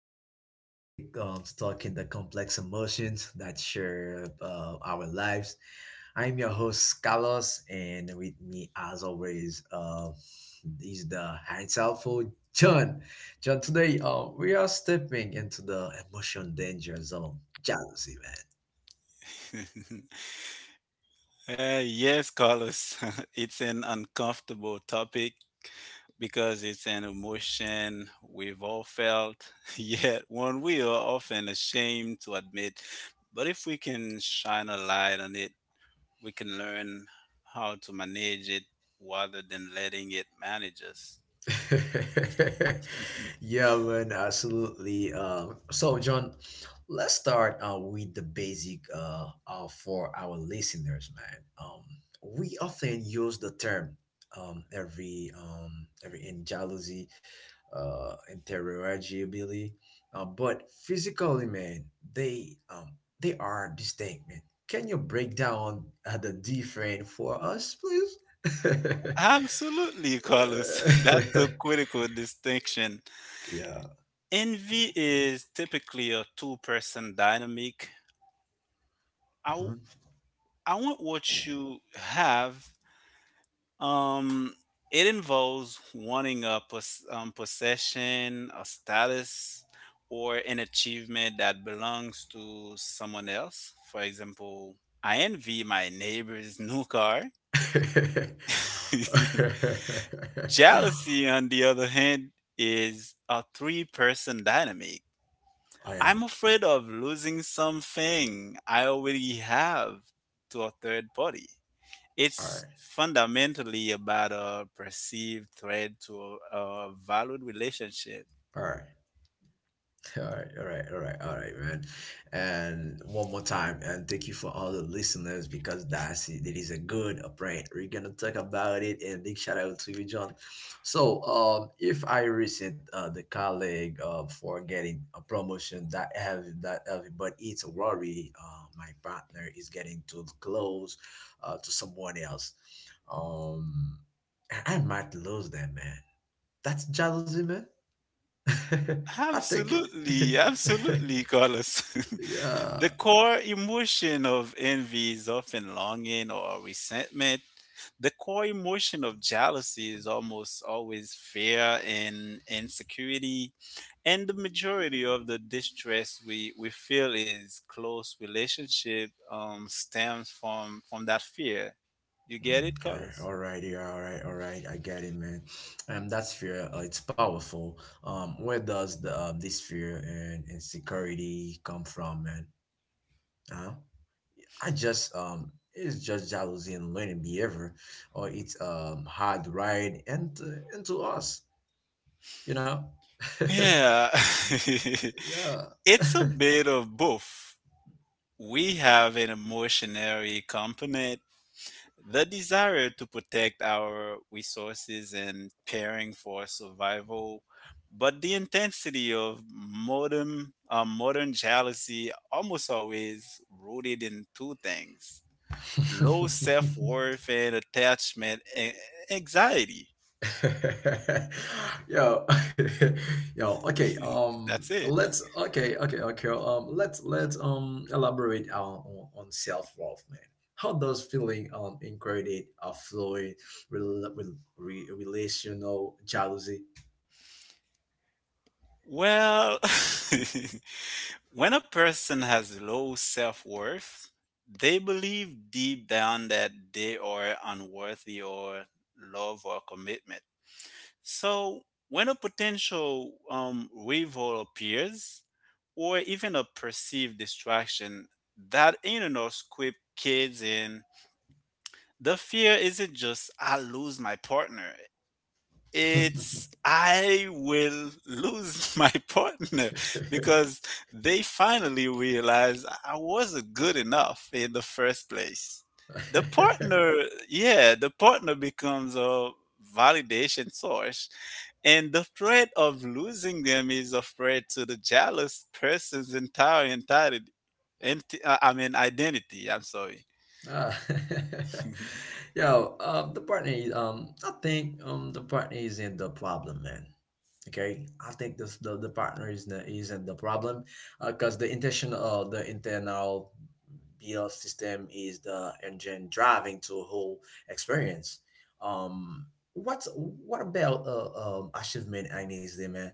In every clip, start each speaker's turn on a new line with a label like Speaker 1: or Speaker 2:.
Speaker 1: dedicated to thick, talking the complex emotions that share our lives. I'm your host, Carlos, and with me, as always, is the insightful John. John, today we are stepping into the emotion danger zone, jealousy, man.
Speaker 2: Yes, Carlos, it's an uncomfortable topic because it's an emotion we've all felt, yet one we are often ashamed to admit. But if we can shine a light on it, we can learn how to manage it rather than letting it manage us.
Speaker 1: Yeah, man, absolutely. So, John, let's start with the basic for our listeners, man. We often use the term every in jealousy, interrogibility, but physically, man, they are distinct, man. Can you break down the difference for us, please?
Speaker 2: Absolutely, Carlos. That's a critical distinction.
Speaker 1: Yeah.
Speaker 2: Envy is typically a two-person dynamic.
Speaker 1: Mm-hmm.
Speaker 2: I want what you have. Um, it involves wanting a possession, a status, or an achievement that belongs to someone else. For example, I envy my neighbor's new car. Jealousy, on the other hand, is a three-person dynamic.
Speaker 1: Oh yeah.
Speaker 2: I'm afraid of losing something I already have to a third party.
Speaker 1: All
Speaker 2: It's
Speaker 1: right.
Speaker 2: fundamentally about a perceived threat to a valued relationship.
Speaker 1: All right. All right, all right, all right, all right, man. And one more time, and thank you for all the listeners because that's it. It is a good upgrade. We're gonna talk about it, and big shout out to you, John. So, if I resent the colleague for getting a promotion that heavy, but it's a worry. My partner is getting too close to someone else. Um, I might lose them, man. That's jealousy, man. I think, it.
Speaker 2: Absolutely, absolutely, Carlos. the
Speaker 1: Yeah.
Speaker 2: core emotion of envy is often longing or resentment. The core emotion of jealousy is almost always fear and insecurity. And the majority of the distress we feel is close relationship stems from that fear. You get
Speaker 1: Mm,
Speaker 2: it,
Speaker 1: okay.
Speaker 2: Carlos?
Speaker 1: All right. Yeah. All right. All right. I get it, man. That's fear. It's powerful. Where does the this fear and insecurity come from, man? Huh? I just It's just jealousy and learning behavior, or it's hard right and into us. You know.
Speaker 2: Yeah,
Speaker 1: Yeah.
Speaker 2: it's a bit of both. We have an emotionary component, the desire to protect our resources and caring for survival, but the intensity of modern modern jealousy almost always rooted in two things: low self worth and attachment and anxiety.
Speaker 1: Yo, yo, okay,
Speaker 2: That's it.
Speaker 1: let's, okay, okay, okay, let's, elaborate on self-worth, man. How does feeling, included, affluent, relational jealousy?
Speaker 2: Well, when a person has low self worth, they believe deep down that they are unworthy or love or commitment. So when a potential rival appears, or even a perceived distraction, that internal script kids in. The fear isn't just I lose my partner. It's I will lose my partner because they finally realized I wasn't good enough in the first place. The partner, yeah, the partner becomes a validation source, and the threat of losing them is a threat to the jealous person's entire entirety. I mean, identity. I'm sorry.
Speaker 1: Ah, yo, the partner is, the partner isn't the problem, man. Okay, I think the partner is not isn't the problem because the intention of the internal bl system is the engine driving to a whole experience. um what about achievement? I need them, man.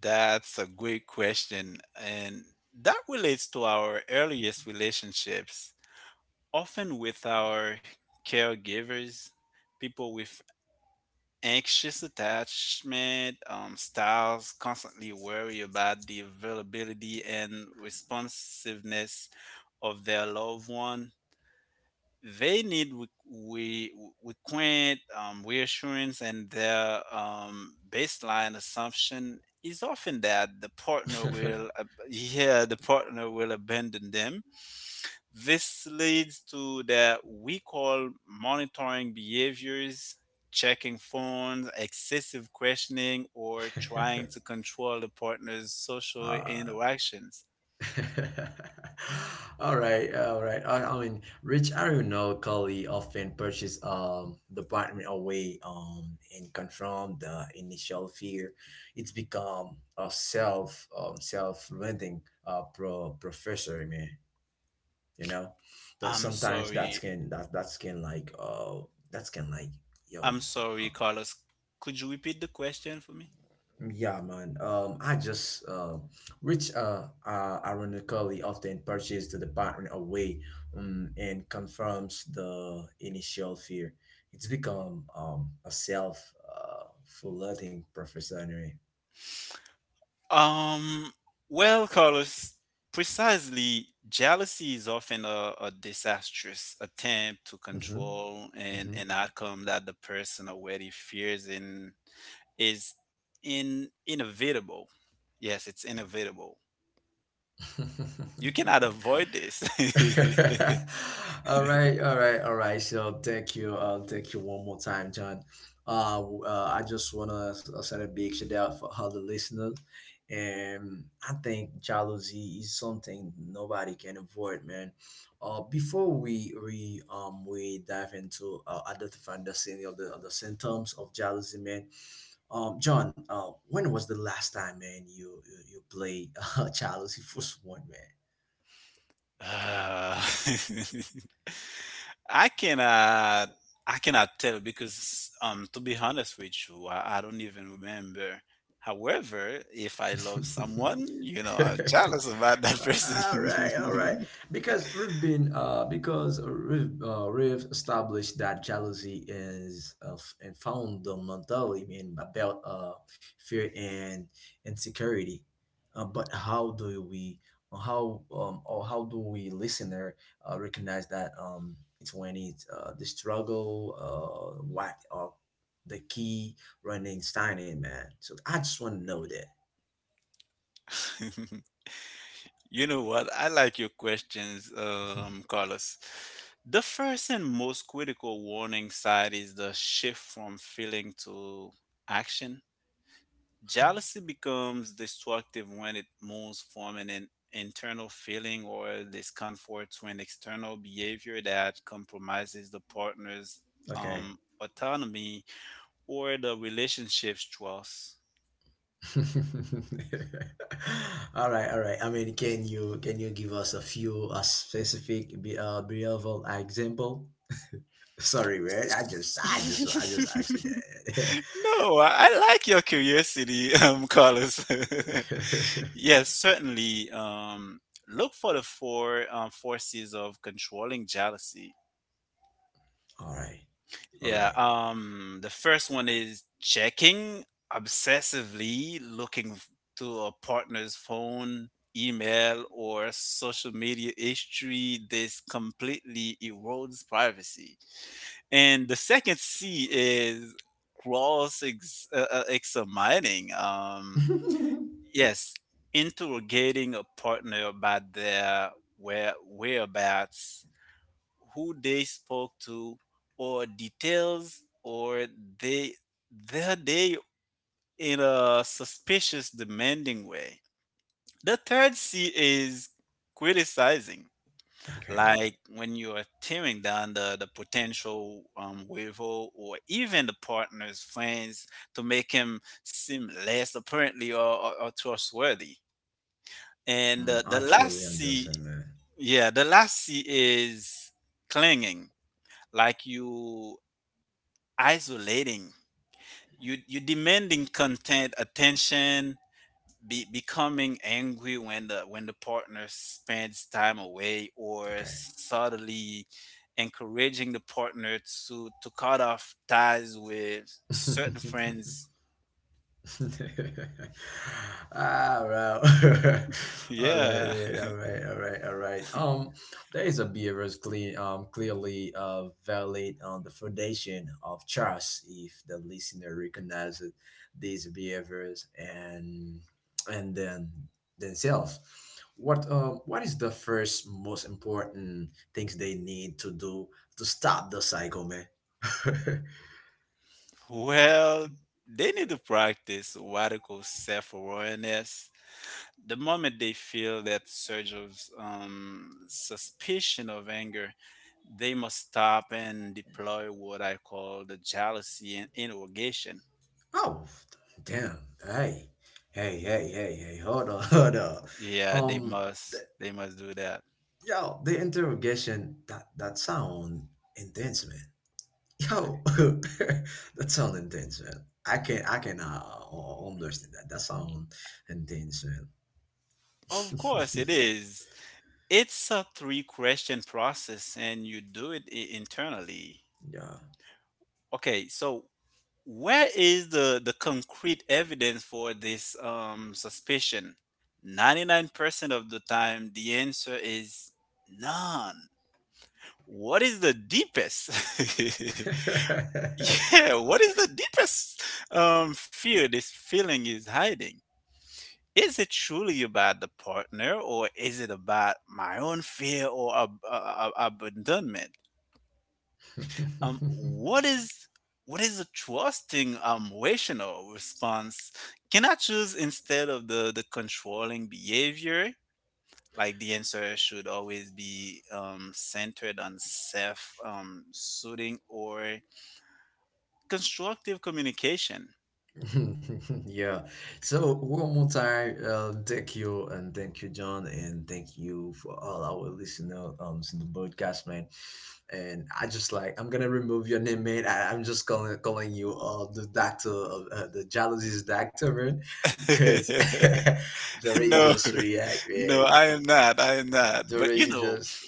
Speaker 2: That's a great question. And that relates to our earliest relationships, often with our caregivers. People with anxious attachment styles constantly worry about the availability and responsiveness of their loved one. They need we reassurance, and their baseline assumption is often that the partner will yeah, the partner will abandon them. This leads to that we call monitoring behaviors: checking phones, excessive questioning, or trying to control the partner's social
Speaker 1: uh
Speaker 2: interactions.
Speaker 1: All right, all right. I mean, Rich Arenal Kali often purchased the apartment away and confront the initial fear. It's become a self self renting professor, man. You know, that
Speaker 2: i'm
Speaker 1: sometimes
Speaker 2: sorry
Speaker 1: that's can like yo.
Speaker 2: I'm sorry, Carlos, could you repeat the question for me?
Speaker 1: Yeah, man. I just Which ironically often purchased the pattern away, and confirms the initial fear. It's become a self fulfilling prophecy anyway.
Speaker 2: Um, well, Carlos, precisely, jealousy is often a disastrous attempt to
Speaker 1: Mm-hmm.
Speaker 2: control an outcome that the person already fears and is in inevitable. Yes, it's inevitable. You
Speaker 1: Mm-hmm.
Speaker 2: cannot avoid this.
Speaker 1: All right, all right, all right. So thank you. I'll thank you one more time, John. I just wanna send a big shout out for all the listeners, and I think jealousy is something nobody can avoid, man. Before we dive into identifying the sign of the symptoms of jealousy, man. John, when was the last time, man, you played jealousy for someone,
Speaker 2: Uh, I cannot, I cannot tell because um, to be honest with you, I don't even remember. However, if I love
Speaker 1: man?
Speaker 2: someone, you know, I'm jealous about that
Speaker 1: All
Speaker 2: person.
Speaker 1: right, all right. Because we've established that jealousy is f- and fundamentally I mean about fear and insecurity. But how do we, how do we listener recognize that it's when it's the struggle, what are the key running sign in, man? So I just want to know that.
Speaker 2: You know what? I like your questions, Carlos. The first and most critical warning sign is the shift from feeling to action. Jealousy becomes destructive when it moves from an internal feeling or discomfort to an external behavior that compromises the partner's
Speaker 1: Okay.
Speaker 2: autonomy or the relationship's trust.
Speaker 1: All right, all right. I mean, can you give us a specific behavioral example? Sorry, man. I just I just I just asked you
Speaker 2: no,
Speaker 1: that.
Speaker 2: I like your curiosity, Carlos. yes, certainly. Look for the four forces of controlling jealousy.
Speaker 1: All right, all
Speaker 2: Yeah,
Speaker 1: right.
Speaker 2: the first one is checking obsessively, looking to a partner's phone, email, or social media history. This completely erodes privacy. And the second C is cross examining. Yes, interrogating a partner about their whereabouts, who they spoke to, or details or they their day in a suspicious, demanding way. The third C is criticizing,
Speaker 1: Okay.
Speaker 2: like when you are tearing down the potential rival or even the partner's friends to make him seem less
Speaker 1: Yeah.
Speaker 2: apparently
Speaker 1: Oh,
Speaker 2: or
Speaker 1: yeah. I
Speaker 2: trustworthy.
Speaker 1: I actually
Speaker 2: And
Speaker 1: um
Speaker 2: the last
Speaker 1: actually
Speaker 2: C.
Speaker 1: understand, man.
Speaker 2: Yeah, the last C is clinging, like you isolating. You demanding content, attention, becoming angry when the partner spends time away, or
Speaker 1: Okay.
Speaker 2: subtly encouraging the partner to cut off ties with certain friends.
Speaker 1: Ah well, all right,
Speaker 2: Yeah.
Speaker 1: mate. All right, all right, all right. There is a behaviors clean, clearly valid on the foundation of trust. If the listener recognizes these behaviors and then themselves, what is the first most important things they need to do to stop the cycle, man?
Speaker 2: Well, they need to practice radical self awareness. The moment they feel that surge of suspicion of anger, they must stop and deploy what I call the jealousy and interrogation.
Speaker 1: Oh, damn. Hey, hey, hey, hey, hey, hold on, hold on.
Speaker 2: Yeah, they
Speaker 1: Um,
Speaker 2: must. They must do that.
Speaker 1: yo, the interrogation, that that sound intense, man. Yo, that sound intense, man. I can understand that. That sound intense,
Speaker 2: Of course, it
Speaker 1: man.
Speaker 2: is. It's a three question process, and you do it internally. Okay, so where is the concrete evidence for this suspicion? 99% of the time, the answer is none. What is the deepest? yeah, what is the deepest fear this feeling is hiding? Is it truly about the partner, or is it about my own fear or abandonment?
Speaker 1: Yeah.
Speaker 2: What is a trusting um, rational response? Can I choose instead of the controlling behavior? Like the answer should always be centered on self soothing or constructive communication.
Speaker 1: Yeah. So one more time, thank you and thank you, John, and thank you for all our listener in the podcast, man. And I just like I'm gonna remove your name, man. I'm just calling you the doctor of the jealousy's doctor, man, because the way you
Speaker 2: no,
Speaker 1: just react,
Speaker 2: no,
Speaker 1: man,
Speaker 2: I am not. I am not.
Speaker 1: the
Speaker 2: But
Speaker 1: way
Speaker 2: you
Speaker 1: you
Speaker 2: know,
Speaker 1: just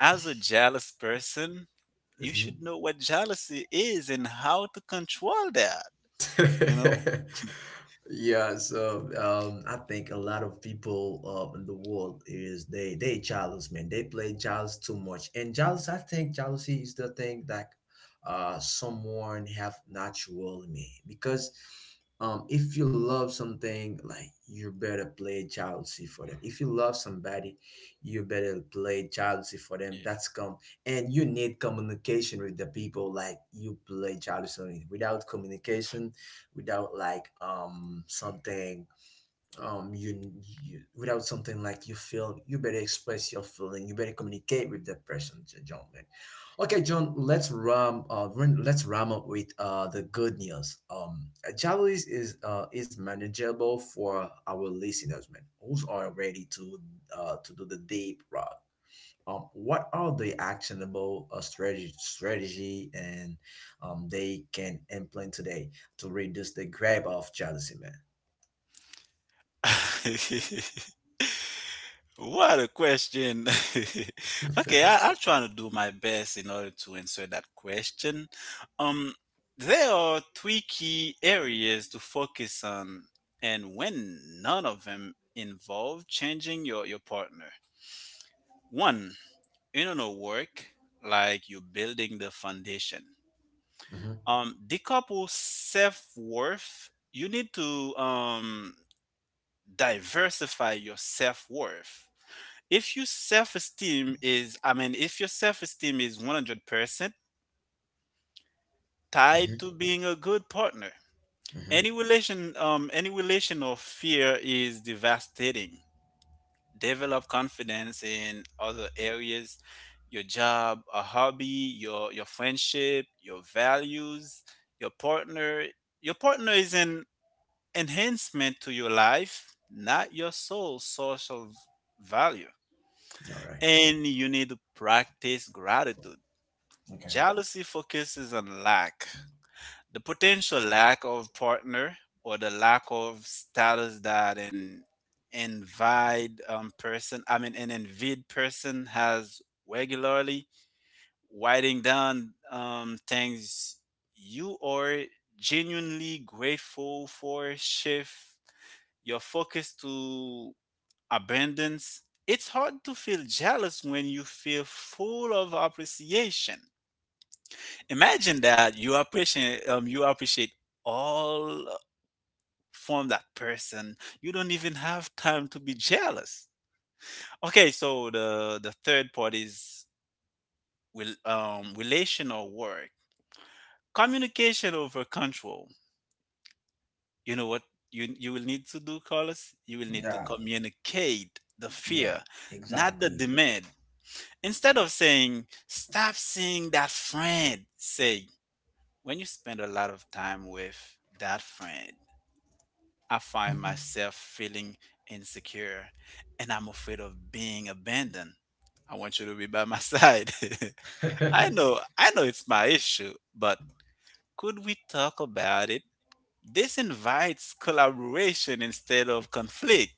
Speaker 2: as a jealous person, you should know what jealousy is and how to control that. You know?
Speaker 1: Yeah, so I think a lot of people in the world is they jealous, man. They play jealous too much, and jealous. I think jealousy is the thing that someone have natural in me because if you love something, like you better play jealousy for them. If you love somebody, you better play jealousy for them. That's come, and you need communication with the people. Like you play jealousy on it. Without communication, without like something um you, you without something like you feel, you better express your feeling, you better communicate with the person, John, man. Okay, John, let's let's ram up with the good news. Jealousy is manageable for our listeners, man, who's are ready to do the deep rock. What are the actionable strategy, and they can implement today to reduce the grab of jealousy, man?
Speaker 2: What a question. Okay, I'm trying to do my best in order to answer that question. Um, there are three key areas to focus on, and when none of them involve changing your partner. One, internal work, like you building the foundation. Decouple self worth. You need to um, diversify your self worth. If your self-esteem is, I mean if your self-esteem is 100%
Speaker 1: Mm-hmm.
Speaker 2: tied
Speaker 1: Mm-hmm.
Speaker 2: to being a good partner,
Speaker 1: Mm-hmm.
Speaker 2: any relation any relational fear is devastating. Develop confidence in other areas: your job, a hobby, your friendship, your values. Your partner, your partner is an enhancement to your life, not your sole source of value.
Speaker 1: All right.
Speaker 2: And you need to practice gratitude.
Speaker 1: Okay.
Speaker 2: Jealousy focuses on lack, the potential lack of partner or the lack of status that an envied person, I mean, an envied person has. Regularly writing down things you are genuinely grateful for, shift your focus to abundance. It's hard to feel jealous when you feel full of appreciation. Imagine that you appreciate all from that person, you don't even have time to be jealous. Okay, so the third part is will um, relation or work, communication over control. You know what you will need to do, Carlos? You will need to
Speaker 1: Yeah.
Speaker 2: communicate the
Speaker 1: Yeah.
Speaker 2: fear, not the
Speaker 1: Exactly.
Speaker 2: demand. Instead of saying stop seeing that friend, say, when you spend a lot of time with that friend, I find myself feeling insecure and I'm afraid of being abandoned. I want you to be by my side. I know it's my issue, but could we talk about it? This invites collaboration instead of conflict.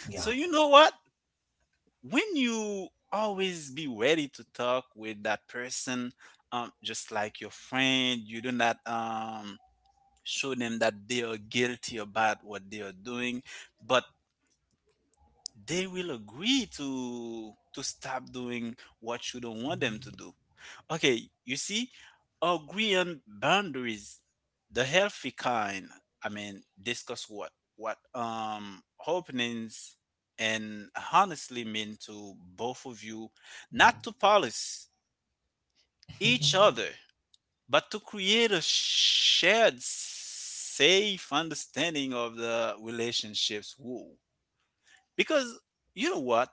Speaker 1: Yeah.
Speaker 2: So, you know what? When you always be ready to talk with that person, just like your friend, you do not show them that they are guilty about what they are doing, but they will agree to stop doing what you don't want them to do. Okay, you see, agree on boundaries, the healthy kind. I mean, discuss what um, openings and honestly mean to both of you, not to police each
Speaker 1: Mhm.
Speaker 2: other, but to create a shared, safe understanding of the relationships woo. Because you know what,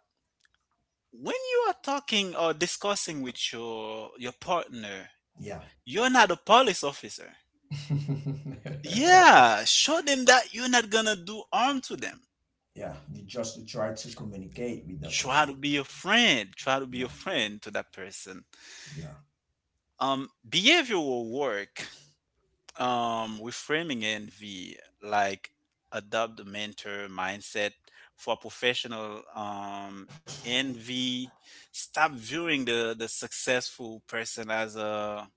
Speaker 2: when you are talking or discussing with your partner,
Speaker 1: Yeah.
Speaker 2: you're not a police officer. Yeah, show them that you're not gonna do harm to them.
Speaker 1: Yeah. You just try to communicate with that
Speaker 2: Try
Speaker 1: person.
Speaker 2: to be a friend. Try to be a
Speaker 1: Yeah.
Speaker 2: friend to that person.
Speaker 1: Yeah.
Speaker 2: Behavioral work. We're framing envy like adopt the mentor mindset for professional um, envy. Stop viewing the successful person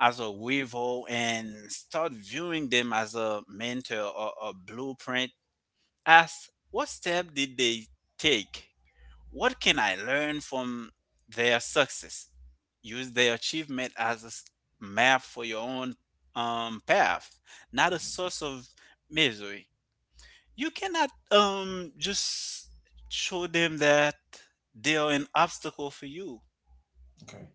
Speaker 2: as a rival and start viewing them as a mentor or a blueprint. Ask, what step did they take? What can I learn from their success? Use their achievement as a map for your own path, not a source of misery. You cannot just show them that they are an obstacle for you.
Speaker 1: Okay.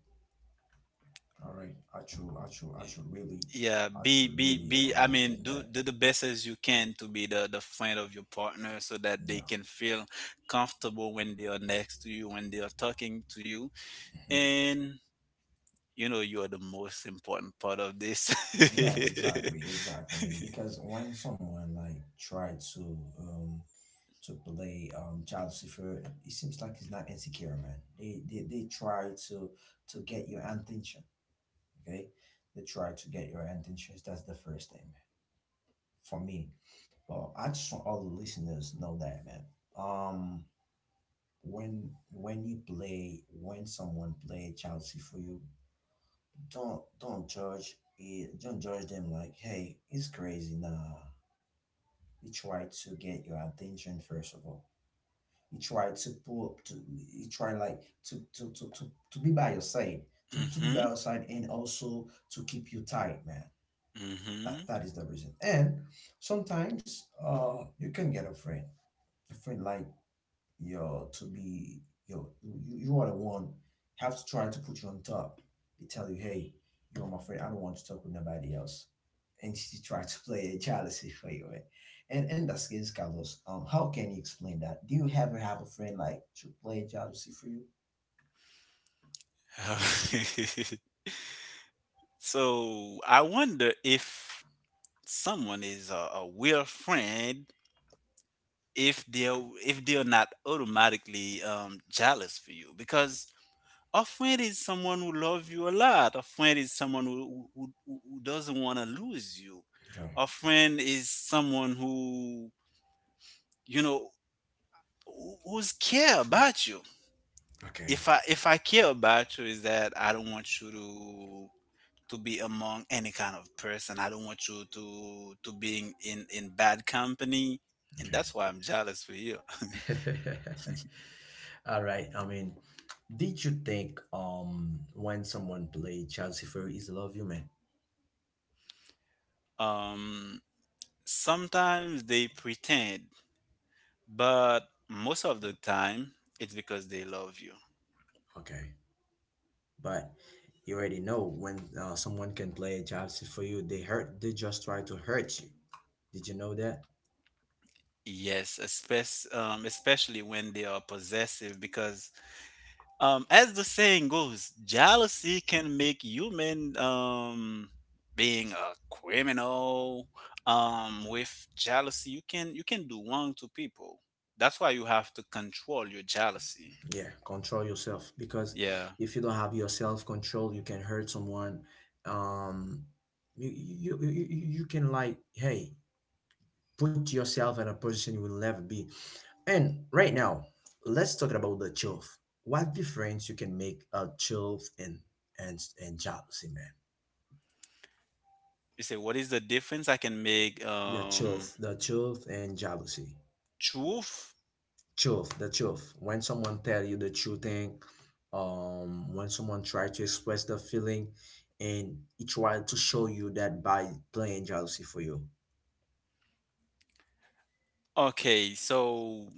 Speaker 1: All right. I should. I should. I should really.
Speaker 2: Yeah,
Speaker 1: I should really
Speaker 2: be, I mean,
Speaker 1: understand
Speaker 2: do
Speaker 1: that.
Speaker 2: the best as you can to be the friend of your partner, so that
Speaker 1: Yeah.
Speaker 2: they can feel comfortable when they are next to you, when they are talking to you,
Speaker 1: Mm-hmm.
Speaker 2: and you know you are the most important part of this.
Speaker 1: Yeah, exactly, exactly. I mean, because when someone like tried to play child Lucifer, it seems like it's not insecure, man. They try to get your attention. Okay, they try to get your attention. That's the first thing, man, for me. Well, I just want all the listeners know that, man. Um, when you play, when someone play child for you, don't judge it. Don't judge them like, hey, it's crazy, nah. He tried to get your attention first of all. He tried to pull up to, he tried like to to be by your side. To be by
Speaker 2: mhm,
Speaker 1: your side, and also to keep you tight, man.
Speaker 2: mhm.
Speaker 1: That that is the reason. And sometimes you can get a friend. A friend like, yo, to be yo, you are the one. Have to try to put you on top. They tell you, hey, you're my friend. I don't want to talk with nobody else. And she tried to play a jealousy for you, eh? And that's against Carlos. How can you explain that? Do you ever have a friend like to play jealousy for you?
Speaker 2: so I wonder if someone is a real friend, if they're if they're not automatically um, jealous for you, because a friend is someone who loves you a lot. A friend is someone who who doesn't want to lose you.
Speaker 1: Okay.
Speaker 2: A friend is someone who, you know, who's care about you.
Speaker 1: Okay.
Speaker 2: If I care about you is that I don't want you to be among any kind of person. I don't want you to being in bad company, and that's why I'm jealous for you.
Speaker 1: Okay. All right. I mean, did you think when someone played Chelsea Fury is love you, man?
Speaker 2: Um, Sometimes they pretend, but most of the time it's because they love you.
Speaker 1: Okay. But you already know when someone can play a jealousy for you, they hurt, they just try to hurt you. Did you know that?
Speaker 2: Yes, especially, especially when they are possessive, because as the saying goes, jealousy can make human, being a criminal. With jealousy you can, you can do wrong to people. That's why you have to control your jealousy.
Speaker 1: Yeah, control yourself, because
Speaker 2: Yeah.
Speaker 1: if you don't have your self control, you can hurt someone. Um, you you can like, hey, put yourself in a position you will never be. And right now, let's talk about the truth. What difference you can make a truth and and jealousy, man?
Speaker 2: You say what is the difference I can
Speaker 1: Yeah,
Speaker 2: make?
Speaker 1: the truth, the truth and jealousy.
Speaker 2: Truth.
Speaker 1: Truth, the truth when someone tell you the true thing, when someone try to express the feeling and it try to show you that by playing jealousy for you.
Speaker 2: Okay, so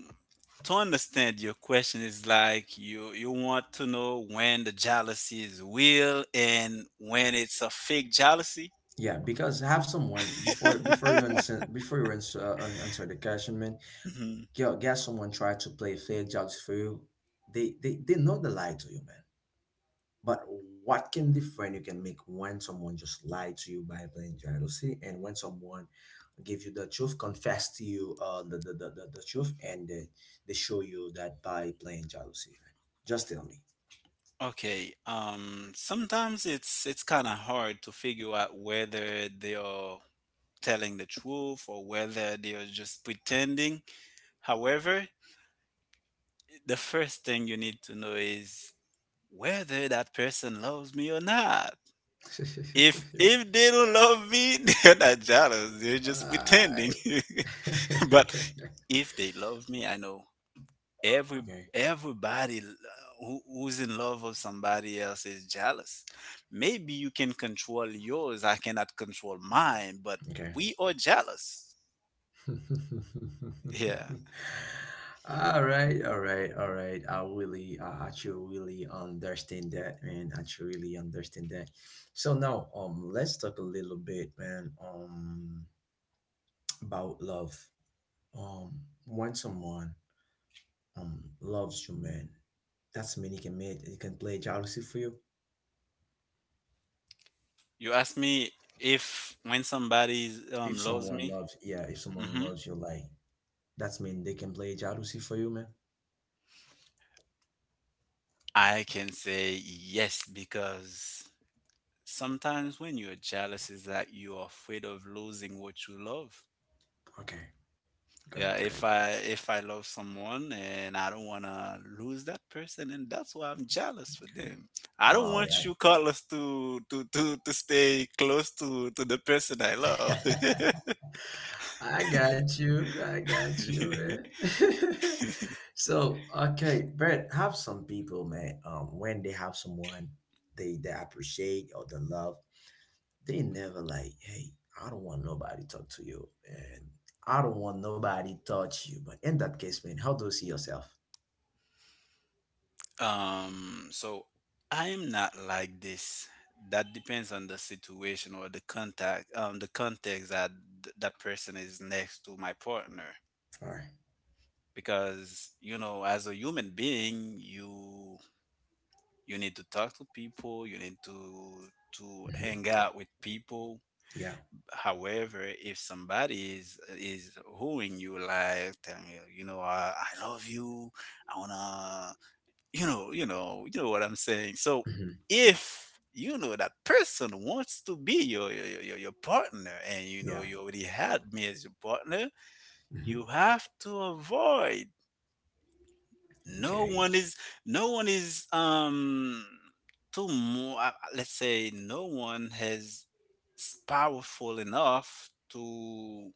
Speaker 2: to understand your question is like, you want to know when the jealousy is real and when it's a fake jealousy.
Speaker 1: Yeah, because have someone before before you answer, answer the question, man.
Speaker 2: Mhm.
Speaker 1: Get someone try to play fake jealousy for you, they, they know the lie to you, man. But what can different you can make when someone just lied to you by plain jealousy, and when someone give you the truth, confess to you the truth, and they show you that by plain jealousy? Man? Just tell me.
Speaker 2: Okay, sometimes it's kind of hard to figure out whether they are telling the truth or whether they are just pretending. However, the first thing you need to know is whether that person loves me or not. If they don't love me, they're not jealous. They're just
Speaker 1: I
Speaker 2: pretending. But if they love me, I know every
Speaker 1: Okay,
Speaker 2: everybody l- who, who's in love with somebody else is jealous. Maybe you can control yours. I cannot control mine, but
Speaker 1: okay.
Speaker 2: we are jealous. Yeah.
Speaker 1: All right, all right, all right. I really, I actually really understand that, man. I actually really understand that. So now, let's talk a little bit, man, about love. When someone loves you, man, that's mean it can make it can play jealousy for you.
Speaker 2: You ask me if when somebody
Speaker 1: If
Speaker 2: loves
Speaker 1: someone
Speaker 2: me,
Speaker 1: loves, yeah, if someone
Speaker 2: hmm,
Speaker 1: loves you, like that's mean they can play jealousy for you, man.
Speaker 2: I can say yes, because sometimes when you're jealous is that you're afraid of losing what you love.
Speaker 1: Okay,
Speaker 2: Yeah,
Speaker 1: good, good,
Speaker 2: if I love someone and I don't want to lose that person, and that's why I'm jealous
Speaker 1: good.
Speaker 2: for them. I don't
Speaker 1: All
Speaker 2: want you, Carlos, to stay close to the person I love.
Speaker 1: right. I got you. I got you, man. But have some people, man. When they have someone they appreciate or they love, they never like, hey, I don't want nobody talk to you, and I don't want nobody touch you. But in that case, man, how do you see yourself?
Speaker 2: So I'm not like this. That depends on the situation or the contact, the context that that person is next to my partner.
Speaker 1: All right.
Speaker 2: Because you know, as a human being, you need to talk to people, you need to
Speaker 1: Mm-hmm.
Speaker 2: hang out with people.
Speaker 1: Yeah.
Speaker 2: However, if somebody is wooing you, like telling you, you know, I love you, I wanna, you know, you know what I'm saying. So
Speaker 1: Mm-hmm.
Speaker 2: if you know that person wants to be your partner, and you know
Speaker 1: Yeah.
Speaker 2: you already had me as your partner,
Speaker 1: Mm-hmm.
Speaker 2: you have to avoid. no
Speaker 1: Okay.
Speaker 2: one is no one is too more let's say no one has powerful enough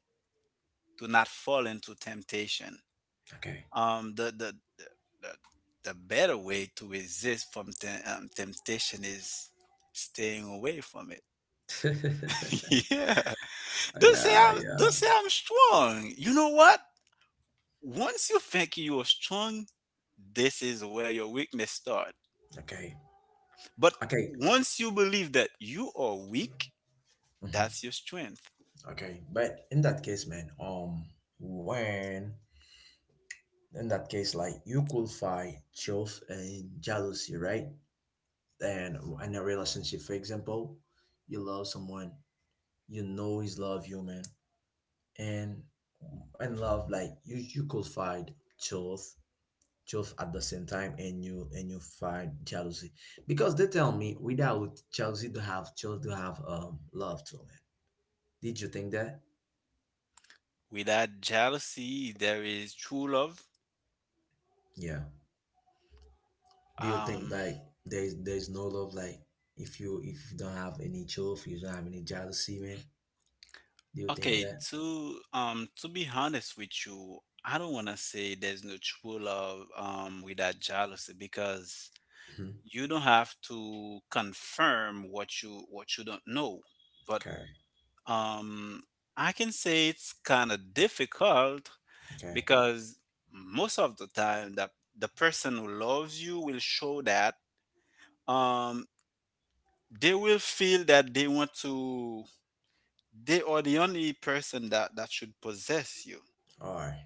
Speaker 2: to not fall into temptation.
Speaker 1: Okay.
Speaker 2: The the the better way to resist from temptation is staying away from it. Yeah,
Speaker 1: Yeah. Yeah.
Speaker 2: don't say I'm strong. You know what? Once you think you're strong, this is where your weakness starts.
Speaker 1: Okay.
Speaker 2: But
Speaker 1: Okay.
Speaker 2: once you believe that you are weak,
Speaker 1: Mhm.
Speaker 2: that's your strength.
Speaker 1: Okay, but in that case, man, when in that case, like you could fight truth and jealousy, right? And in a relationship, for example, you love someone, you know he's love you, man, and and love like you could fight truth, truth at the same time, and you fight jealousy because they tell me without jealousy to have truth to have love too, man. Did you think that?
Speaker 2: Without jealousy, there is true love.
Speaker 1: Yeah. Do you think
Speaker 2: Um,
Speaker 1: like there's no love like if you don't have any joy, if you don't have any jealousy, man? Do you think
Speaker 2: okay,
Speaker 1: that?
Speaker 2: to be honest with you, I don't want to say there's no true love without jealousy, because
Speaker 1: Hmm.
Speaker 2: you don't have to confirm what you, what you don't know. But
Speaker 1: Okay,
Speaker 2: Um, I can say it's kind of difficult,
Speaker 1: okay,
Speaker 2: because most of the time that the person who loves you will show that, um they will feel that they want to, they are the only person that should possess you.
Speaker 1: all right,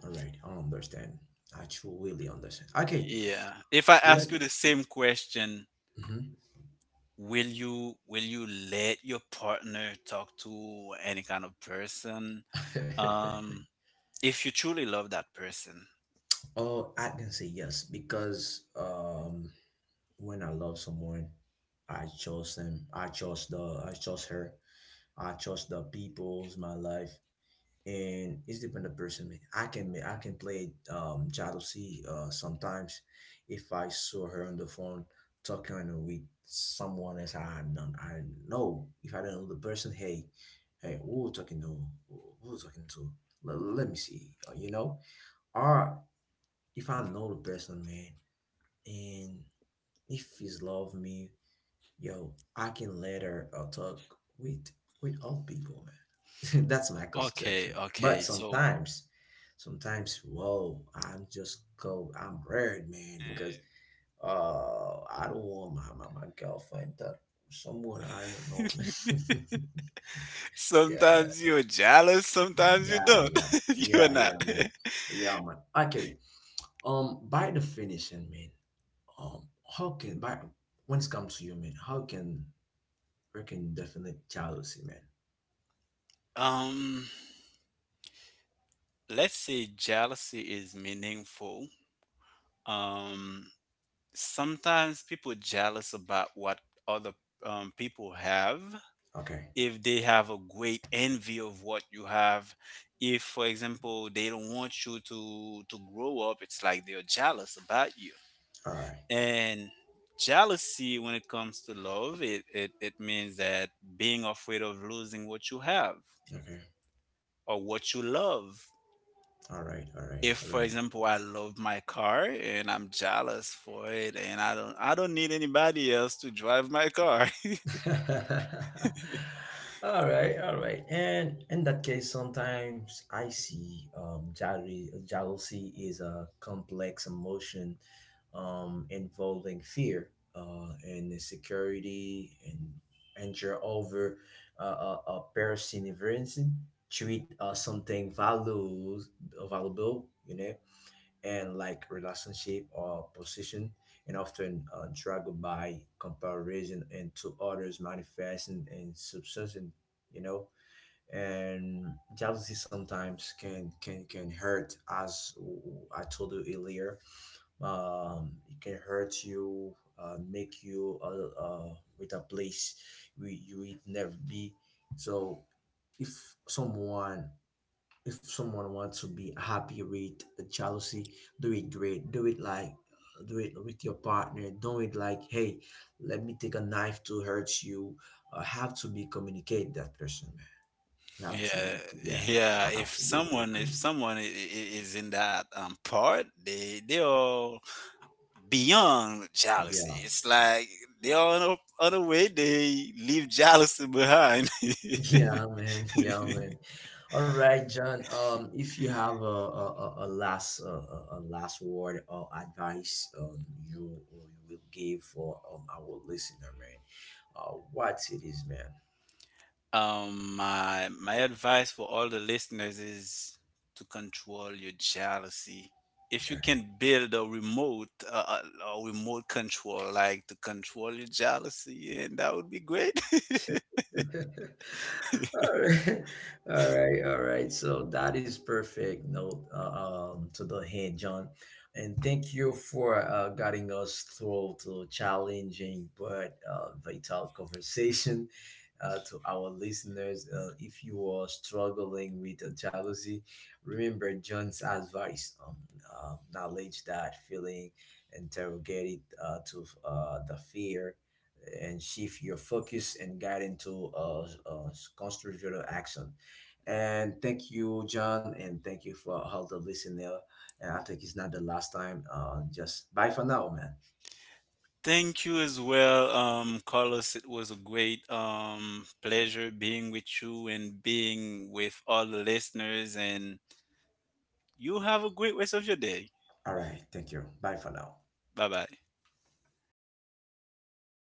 Speaker 1: all right. I understand. I truly understand. Okay,
Speaker 2: Yeah. If I
Speaker 1: let.
Speaker 2: ask you the same question,
Speaker 1: Mhm.
Speaker 2: will you let your partner talk to any kind of person? Um, if you truly love that person.
Speaker 1: Oh, I can say yes because when I love someone, I chose them. I chose the. I chose her. I chose the people's my life. And it's depend on the person, man. I can play jealousy sometimes if I saw her on the phone talking with someone else, I don't I know if I don't know the person, hey, hey, who talking to, who talking to, let me see, you know, or if I know the person, man, and if he's love me, yo, I can later talk with all people, man. That's my
Speaker 2: Okay,
Speaker 1: conception. But
Speaker 2: okay. So
Speaker 1: sometimes, sometimes, whoa, I'm worried, man, because I don't want my girlfriend to someone I don't know, man. Yeah,
Speaker 2: sometimes you're jealous, sometimes you
Speaker 1: yeah,
Speaker 2: don't.
Speaker 1: yeah, yeah,
Speaker 2: You're
Speaker 1: yeah,
Speaker 2: not.
Speaker 1: man, yeah, man. Okay, by the finishing, man, um, how can by when it comes to you, man, how can we can definite jealousy, man?
Speaker 2: um, let's say jealousy is meaningful. Um, Sometimes people jealous about what other people have.
Speaker 1: Okay.
Speaker 2: If they have a great envy of what you have, if for example they don't want you to grow up, it's like they're jealous about you.
Speaker 1: All right.
Speaker 2: And jealousy when it comes to love, it it means that being afraid of losing what you have
Speaker 1: Okay.
Speaker 2: or what you love.
Speaker 1: All right. All right.
Speaker 2: If
Speaker 1: All
Speaker 2: for
Speaker 1: right.
Speaker 2: example I love my car and I'm jealous for it, and I don't, I don't need anybody else to drive my car.
Speaker 1: All right. All right. And in that case, sometimes I see jealousy. Jealousy is a complex emotion, involving fear, and insecurity and anger over a person. Treat something values valuable. You know, and like relationship or position, and often dragged by comparison and to others manifesting and subsisting, you know, and jealousy sometimes can hurt as I told you earlier. It can hurt you, make you with a place we you would never be. So if someone, if someone wants to be happy with jealousy, do it great, do it like, do it with your partner, do it like, hey, let me take a knife to hurt you. Have to be communicate that person, man. You have to
Speaker 2: Yeah.
Speaker 1: be, yeah,
Speaker 2: Yeah,
Speaker 1: have
Speaker 2: if
Speaker 1: to be a great
Speaker 2: someone if
Speaker 1: communicator,
Speaker 2: someone is in that part, they are beyond jealousy.
Speaker 1: yeah.
Speaker 2: It's like they are on a way they leave jealousy behind.
Speaker 1: Yeah, man. Yeah, man. All right, John. If you have a last a last word or advice, you will give for our listener, man. What it is, man.
Speaker 2: My advice for all the listeners is to control your jealousy. If you can build a remote, a remote control, like to control your jealousy, and that would be great.
Speaker 1: Okay. All right, all right, all right. So that is perfect note to the hand, John. And thank you for guiding us through to challenging but vital conversation. To our listeners. If you are struggling with jealousy, remember John's advice: knowledge that feeling, interrogate it to the fear and shift your focus and guide into a constructive action. And thank you, John, and thank you for all the listener. And I think it's not the last time. Just bye for now, man.
Speaker 2: Thank you as well, Carlos. It was a great pleasure being with you and being with all the listeners. And you have a great rest of your day.
Speaker 1: All right, thank you. Bye for now.
Speaker 2: Bye bye.